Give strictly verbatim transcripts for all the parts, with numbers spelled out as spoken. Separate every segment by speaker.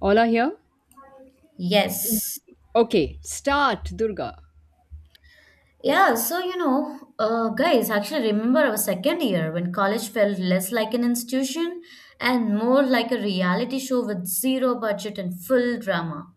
Speaker 1: All are here?
Speaker 2: Yes.
Speaker 1: Okay, start, Durga.
Speaker 2: Yeah, so you know, uh, guys, actually remember our second year when college felt less like an institution and more like a reality show with zero budget and full drama.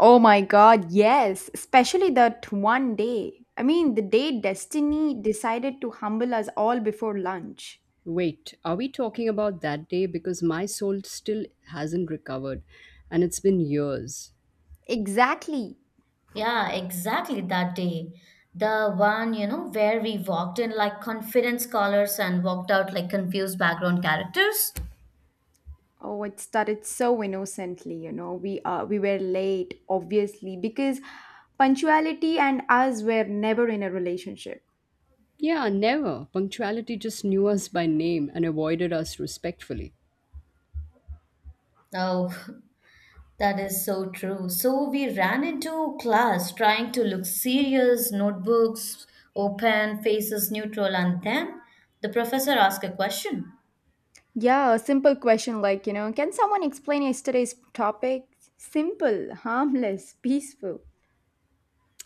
Speaker 3: Oh my god, yes, especially that one day. I mean, the day destiny decided to humble us all before lunch.
Speaker 1: Wait, are we talking about that day? Because my soul still hasn't recovered and it's been years.
Speaker 3: Exactly.
Speaker 2: Yeah, exactly that day. The one, you know, where we walked in like confident scholars and walked out like confused background characters.
Speaker 3: Oh, it started so innocently, you know. We uh, we were late, obviously, because punctuality and us were never in a relationship.
Speaker 1: Yeah, never. Punctuality just knew us by name and avoided us respectfully.
Speaker 2: Oh, that is so true. So we ran into class trying to look serious, notebooks open, faces neutral, and then the professor asked a question.
Speaker 3: Yeah, a simple question like, you know, can someone explain yesterday's topic? Simple, harmless, peaceful.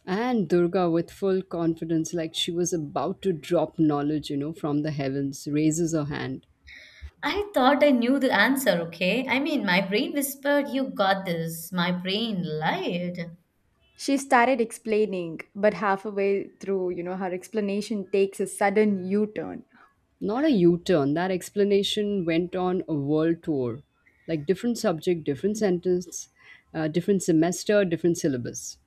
Speaker 1: And Durga, with full confidence, like she was about to drop knowledge, you know, from the heavens, raises her hand.
Speaker 2: I thought I knew the answer, okay? I mean, my brain whispered, you got this. My brain lied.
Speaker 3: She started explaining, but halfway through, you know, her explanation takes a sudden U turn.
Speaker 1: Not a U turn. That explanation went on a world tour. Like different subject, different sentence, uh, different semester, different syllabus.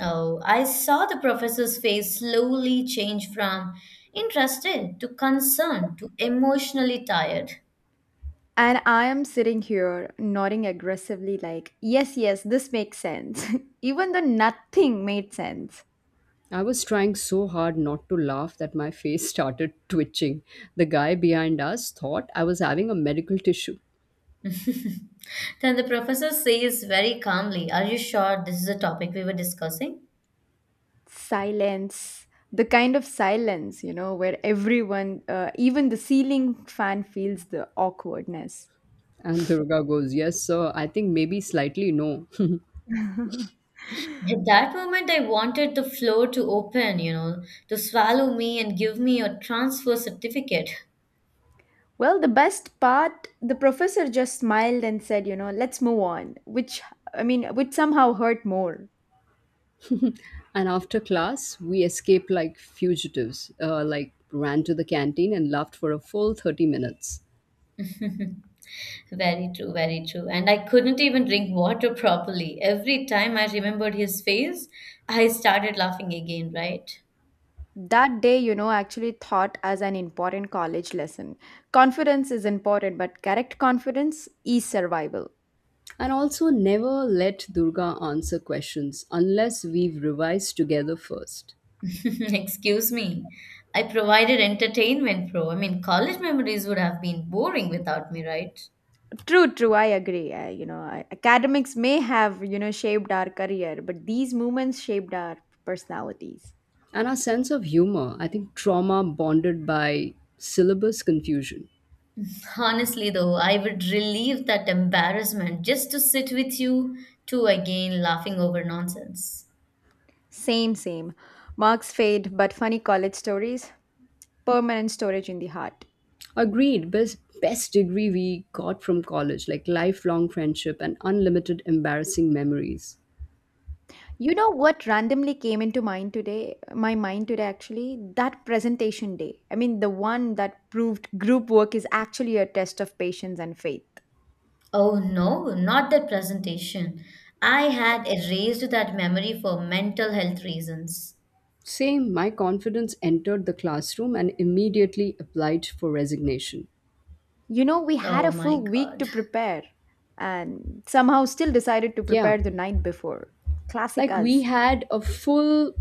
Speaker 2: Oh, I saw the professor's face slowly change from interested to concerned to emotionally tired.
Speaker 3: And I am sitting here nodding aggressively, like, yes, yes, this makes sense. Even though nothing made sense.
Speaker 1: I was trying so hard not to laugh that my face started twitching. The guy behind us thought I was having a medical tissue.
Speaker 2: Then the professor says very calmly, are you sure this is a topic we were discussing?
Speaker 3: Silence, the kind of silence, you know, where everyone, uh, even the ceiling fan, feels the awkwardness.
Speaker 1: And Durga goes, Yes, sir, I think maybe slightly no.
Speaker 2: At that moment, I wanted the floor to open, you know, to swallow me and give me a transfer certificate.
Speaker 3: Well, the best part, the professor just smiled and said, you know, let's move on, which, I mean, which somehow hurt more.
Speaker 1: And after class, we escaped like fugitives, uh, like ran to the canteen and laughed for a full thirty minutes.
Speaker 2: Very true, very true. And I couldn't even drink water properly. Every time I remembered his face, I started laughing again, right?
Speaker 3: That day, you know, actually thought as an important college lesson. Confidence is important, but correct confidence is survival.
Speaker 1: And also, never let Durga answer questions unless we've revised together first.
Speaker 2: Excuse me. I provided entertainment, bro. I mean, college memories would have been boring without me, right?
Speaker 3: True, true, I agree. I, you know, I- academics may have, you know, shaped our career, but these moments shaped our personalities.
Speaker 1: And our sense of humor, I think trauma bonded by syllabus confusion.
Speaker 2: Honestly, though, I would relieve that embarrassment just to sit with you two again laughing over nonsense.
Speaker 3: Same, same. Marks fade, but funny college stories, permanent storage in the heart.
Speaker 1: Agreed. Best best degree we got from college, like lifelong friendship and unlimited embarrassing memories.
Speaker 3: You know what randomly came into mind today? My mind today, actually, that presentation day. I mean, the one that proved group work is actually a test of patience and faith.
Speaker 2: Oh no, not that presentation. I had erased that memory for mental health reasons.
Speaker 1: Same, my confidence entered the classroom and immediately applied for resignation.
Speaker 3: You know, we had
Speaker 2: Oh
Speaker 3: a
Speaker 2: my
Speaker 3: full week
Speaker 2: God.
Speaker 3: to prepare and somehow still decided to
Speaker 1: Yeah,
Speaker 3: prepare the night before. Classic
Speaker 1: like we
Speaker 3: us.
Speaker 1: had a full,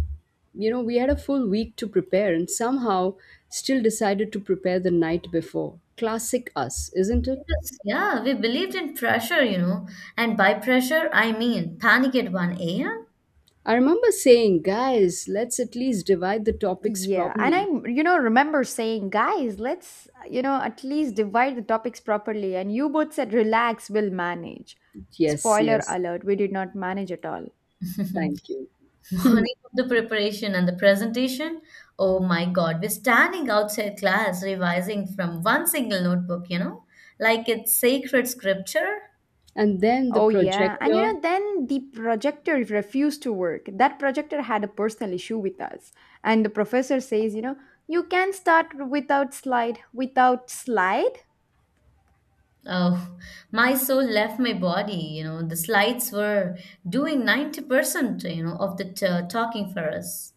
Speaker 1: you know, we had a full week to prepare and somehow still decided to prepare the night before. Classic us, isn't it?
Speaker 2: Because, yeah, we believed in pressure, you know. And by pressure, I mean panic at one a m
Speaker 1: I remember saying, guys, let's at least divide the topics
Speaker 3: Yeah, and I,
Speaker 1: properly.
Speaker 3: you know, remember saying, guys, let's, you know, at least divide the topics properly. And you both said, relax, we'll manage.
Speaker 1: Yes,
Speaker 3: Spoiler
Speaker 1: yes,
Speaker 3: alert, we did not manage at all.
Speaker 1: thank you.
Speaker 2: Morning of the preparation and the presentation, oh my God, we're standing outside class revising from one single notebook, you know, like it's sacred scripture.
Speaker 1: And then the
Speaker 3: Oh, yeah. And you
Speaker 1: projector.
Speaker 3: know, then the projector refused to work. That projector had a personal issue with us. And the professor says, you know, you can start without slide. Without slide?
Speaker 2: Oh, my soul left my body, you know, the slides were doing ninety percent, you know, of the t- talking for us.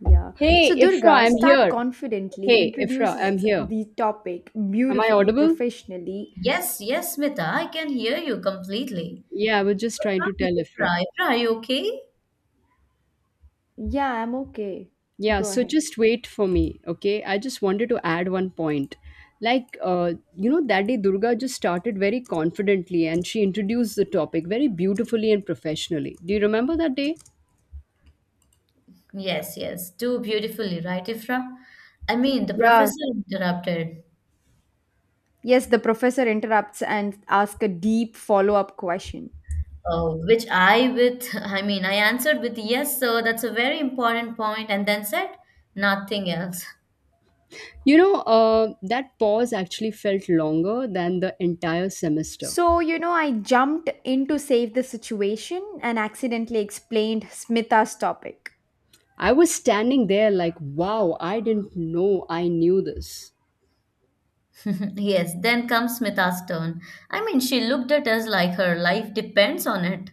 Speaker 3: Yeah.
Speaker 1: Hey,
Speaker 3: So
Speaker 1: Ifra,
Speaker 3: Durga,
Speaker 1: I'm
Speaker 3: start
Speaker 1: here.
Speaker 3: confidently,
Speaker 1: Hey, Ifra, I'm
Speaker 3: introduces
Speaker 1: here.
Speaker 3: the topic
Speaker 1: Am I
Speaker 3: beautifully,
Speaker 1: audible?
Speaker 3: professionally.
Speaker 2: Yes, yes, Mita, I can hear you completely.
Speaker 1: Yeah, I was just trying to tell
Speaker 2: Ifra,
Speaker 1: Ifra.
Speaker 2: Ifra, are you okay?
Speaker 3: Yeah, I'm okay.
Speaker 1: Yeah,
Speaker 3: Go
Speaker 1: so
Speaker 3: ahead.
Speaker 1: just wait for me, okay? I just wanted to add one point. Like, uh, you know, that day Durga just started very confidently and she introduced the topic very beautifully and professionally. Do you remember that day?
Speaker 2: Yes, yes, do beautifully, right, Ifra? I mean, the
Speaker 3: Yeah.
Speaker 2: professor interrupted.
Speaker 3: Yes, the professor interrupts and asks a deep follow up question.
Speaker 2: Oh, which I with I mean I answered with yes, so that's a very important point, and then said nothing else.
Speaker 1: You know, uh, that pause actually felt longer than the entire semester.
Speaker 3: So, you know, I jumped in to save the situation and accidentally explained Smita's topic.
Speaker 1: I was standing there like, wow, I didn't know I knew this.
Speaker 2: Yes, then comes Smita's turn. I mean, she looked at us like her life depends on it.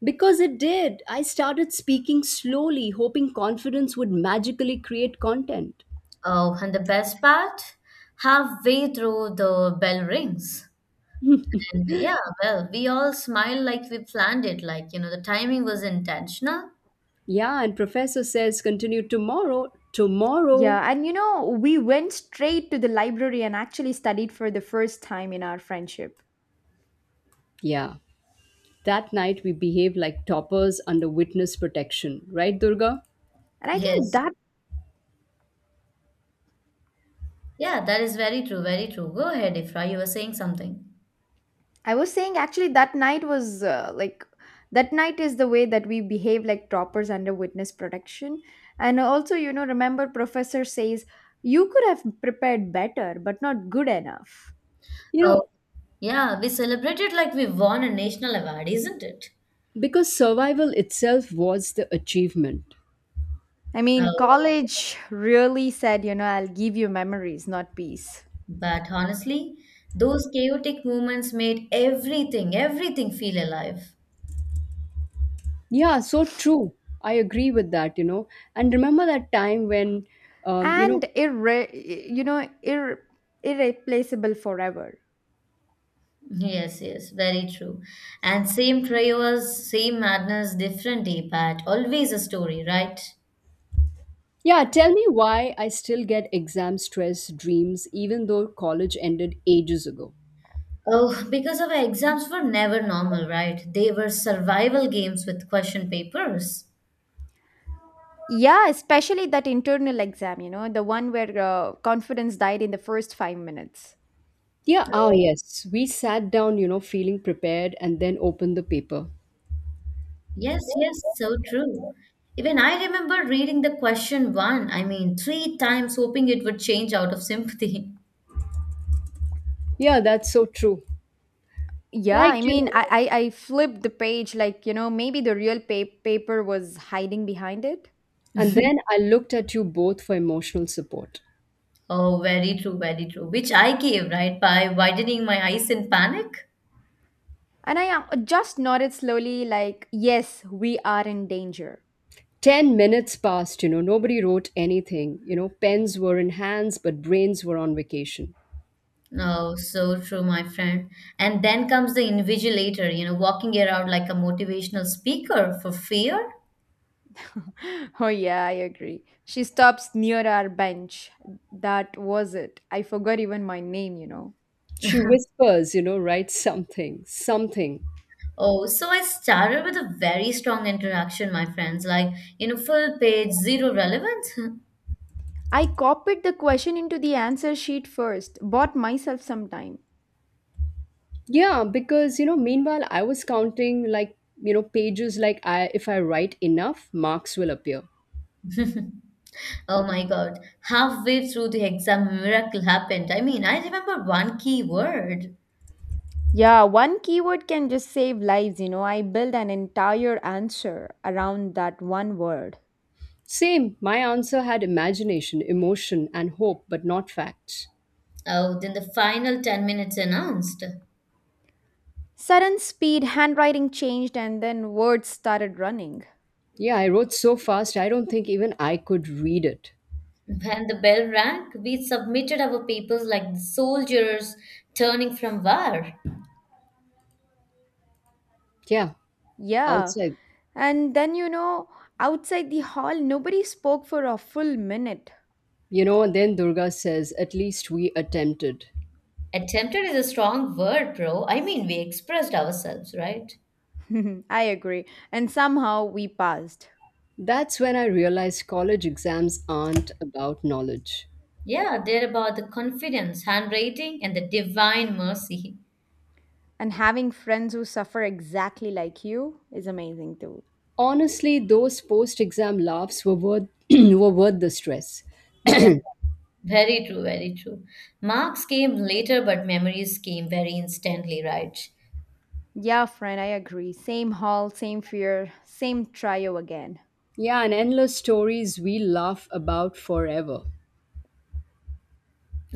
Speaker 1: Because it did. I started speaking slowly, hoping confidence would magically create content.
Speaker 2: Oh, and the best part, halfway through the bell rings. And yeah, well, we all smile like we planned it, like, you know, the timing was intentional.
Speaker 1: Yeah, and professor says continue tomorrow. Tomorrow.
Speaker 3: Yeah, and you know, we went straight to the library and actually studied for the first time in our friendship.
Speaker 1: Yeah. That night we behaved like toppers under witness protection, right Durga?
Speaker 3: And I think
Speaker 2: Yes.
Speaker 3: that
Speaker 2: Yeah, that is very true, very true. Go ahead, Ifra, you were saying something.
Speaker 3: I was saying actually that night was uh, like that night is the way that we behave like toppers under witness protection. And also, you know, remember professor says you could have prepared better but not good enough.
Speaker 1: You know,
Speaker 2: Yeah, we celebrated like we won a national award, isn't it?
Speaker 1: because survival itself was the achievement.
Speaker 3: I mean,
Speaker 2: Oh,
Speaker 3: college really said, you know, I'll give you memories, not peace.
Speaker 2: but honestly, those chaotic moments made everything, everything feel alive.
Speaker 1: Yeah, so true. I agree with that, you know. And remember that time when um, you know,
Speaker 3: And irre- you know, ir- irreplaceable forever.
Speaker 2: Yes, yes, very true. And same prayers, same madness, different day, but always a story, right?
Speaker 1: Yeah, tell me why I still get exam stress dreams even though college ended ages ago.
Speaker 2: Oh, because our exams were never normal, right? They were survival games with question papers.
Speaker 3: Yeah, especially that internal exam, you know, the one where uh, confidence died in the first five minutes.
Speaker 1: Yeah, ah,
Speaker 2: Oh,
Speaker 1: yes. We sat down, you know, feeling prepared and then opened the paper.
Speaker 2: yes, yes, so true. Even I remember reading the question one, I mean, three times, hoping it would change out of sympathy.
Speaker 1: Yeah, that's so true.
Speaker 3: Yeah,
Speaker 1: Like,
Speaker 3: I
Speaker 1: you
Speaker 3: mean,
Speaker 1: know,
Speaker 3: I, I, I flipped the page like, you know, maybe the real pa- paper was hiding behind it.
Speaker 1: and then I looked at you both for emotional support.
Speaker 2: Oh, very true, very true. Which I gave, right, by widening my eyes in panic.
Speaker 3: And I uh, just nodded slowly, like, yes, we are in danger.
Speaker 1: ten minutes passed, you know, nobody wrote anything. You know, pens were in hands, but brains were on vacation.
Speaker 2: Oh, so true, my friend. And then comes the invigilator, you know, walking around like a motivational speaker for fear.
Speaker 3: Oh, yeah, I agree. She stops near our bench. That was it. I forgot even my name, you know.
Speaker 1: She whispers, you know, write something, something.
Speaker 2: Oh, so I started with a very strong interaction, my friends, like, you know, full page, zero relevance.
Speaker 3: I copied the question into the answer sheet first, bought myself some time.
Speaker 1: Yeah, because you know, meanwhile, I was counting like you know pages. Like, I if I write enough, marks will appear.
Speaker 2: Oh my God. Halfway through the exam, a miracle happened. I mean, I remember one key word.
Speaker 3: Yeah, one keyword can just save lives, you know. I built an entire answer around that one word.
Speaker 1: Same. My answer had imagination, emotion, and hope, but not facts.
Speaker 2: Oh, then the final ten minutes announced.
Speaker 3: Sudden speed, handwriting changed, and then words started running.
Speaker 1: Yeah, I wrote so fast. I don't think even I could read it.
Speaker 2: When the bell rang, we submitted our papers like the soldiers turning from war.
Speaker 1: Yeah,
Speaker 3: Yeah,
Speaker 1: outside.
Speaker 3: and then, you know, outside the hall, nobody spoke for a full minute.
Speaker 1: You know, and then Durga says, "At least we attempted."
Speaker 2: Attempted is a strong word, bro. I mean, we expressed ourselves, right?
Speaker 3: I agree. And somehow we passed.
Speaker 1: That's when I realized college exams aren't about knowledge.
Speaker 2: Yeah, they're about the confidence, handwriting, and the divine mercy.
Speaker 3: And having friends who suffer exactly like you is amazing too.
Speaker 1: Honestly, those post exam laughs were worth were worth the stress.
Speaker 2: Yeah, very true, very true. Marks came later, but memories came very instantly, right?
Speaker 3: Yeah, friend, I agree. Same hall, same fear, same trio again.
Speaker 1: Yeah, and endless stories we laugh about forever.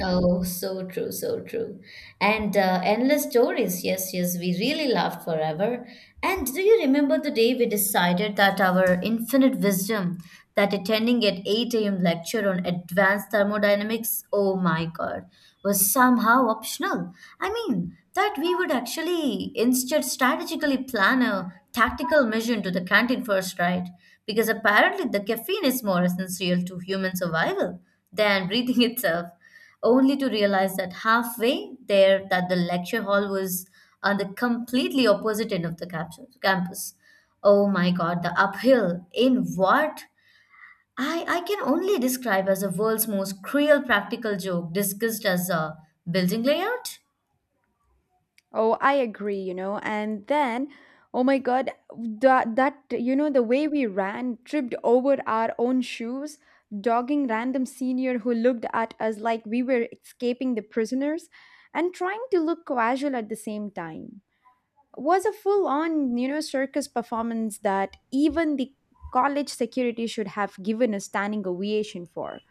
Speaker 2: Oh, so true, so true. And uh, endless stories. Yes, yes, we really laughed forever. And do you remember the day we decided that our infinite wisdom, that attending at eight a m lecture on advanced thermodynamics, oh my God, was somehow optional? I mean, that we would actually instead strategically plan a tactical mission to the canteen first, right? Because apparently the caffeine is more essential to human survival than breathing itself, only to realize that halfway there that the lecture hall was on the completely opposite end of the campus. campus. Oh my God, the uphill in what? I, I can only describe as the world's most cruel practical joke discussed as a building layout.
Speaker 3: Oh, I agree, you know. And then, oh my god, that, that you know, the way we ran, tripped over our own shoes, dogging random senior who looked at us like we were escaping the prisoners and trying to look casual at the same time. Was a full on you know circus performance that even the college security should have given a standing ovation for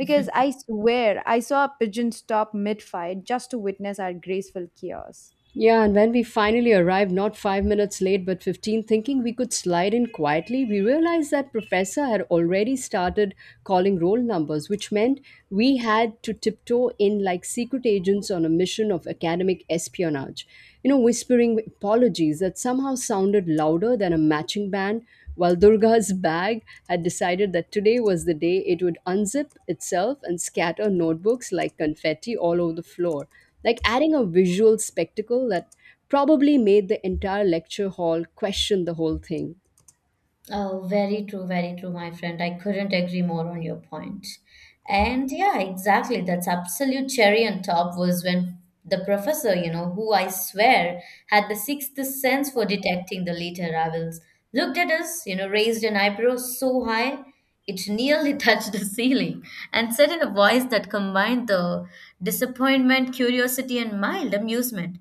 Speaker 3: because I swear I saw a pigeon stop mid fight just to witness our graceful chaos.
Speaker 1: Yeah, and when we finally arrived, not five minutes late but fifteen, thinking we could slide in quietly, we realized that Professor had already started calling roll numbers, which meant we had to tiptoe in like secret agents on a mission of academic espionage. You know, whispering apologies that somehow sounded louder than a matching band, while Durga's bag had decided that today was the day it would unzip itself and scatter notebooks like confetti all over the floor like adding a visual spectacle that probably made the entire lecture hall question the whole thing.
Speaker 2: Oh, very true, very true, my friend. I couldn't agree more on your point. And yeah, exactly. That's absolute cherry on top was when the professor, you know, who I swear had the sixth sense for detecting the late arrivals, looked at us, you know, raised an eyebrow so high it nearly touched the ceiling, and said in a voice that combined the disappointment, curiosity, and mild amusement.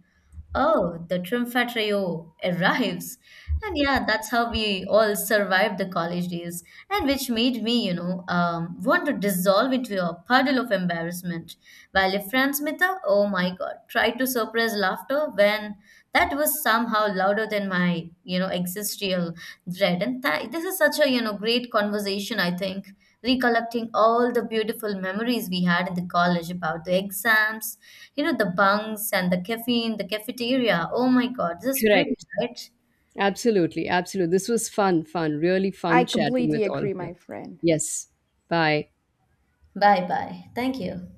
Speaker 2: Oh, the Trimfa trio arrives. And yeah, that's how we all survived the college days, and which made me, you know, um, want to dissolve into a puddle of embarrassment. While if Franz Mita, oh my God, tried to suppress laughter when that was somehow louder than my, you know, existential dread. And tha- this is such a, you know, great conversation, I think recollecting all the beautiful memories we had in the college about the exams, you know, the bunks and the caffeine, the cafeteria. Oh my God, this is pretty,
Speaker 1: Correct.
Speaker 2: right?
Speaker 1: Absolutely. Absolutely. This was fun, fun, really
Speaker 3: I
Speaker 1: fun chatting
Speaker 3: completely
Speaker 1: with all of
Speaker 3: agree, my
Speaker 1: you.
Speaker 3: friend.
Speaker 1: Yes. Bye.
Speaker 2: Bye bye. Thank you.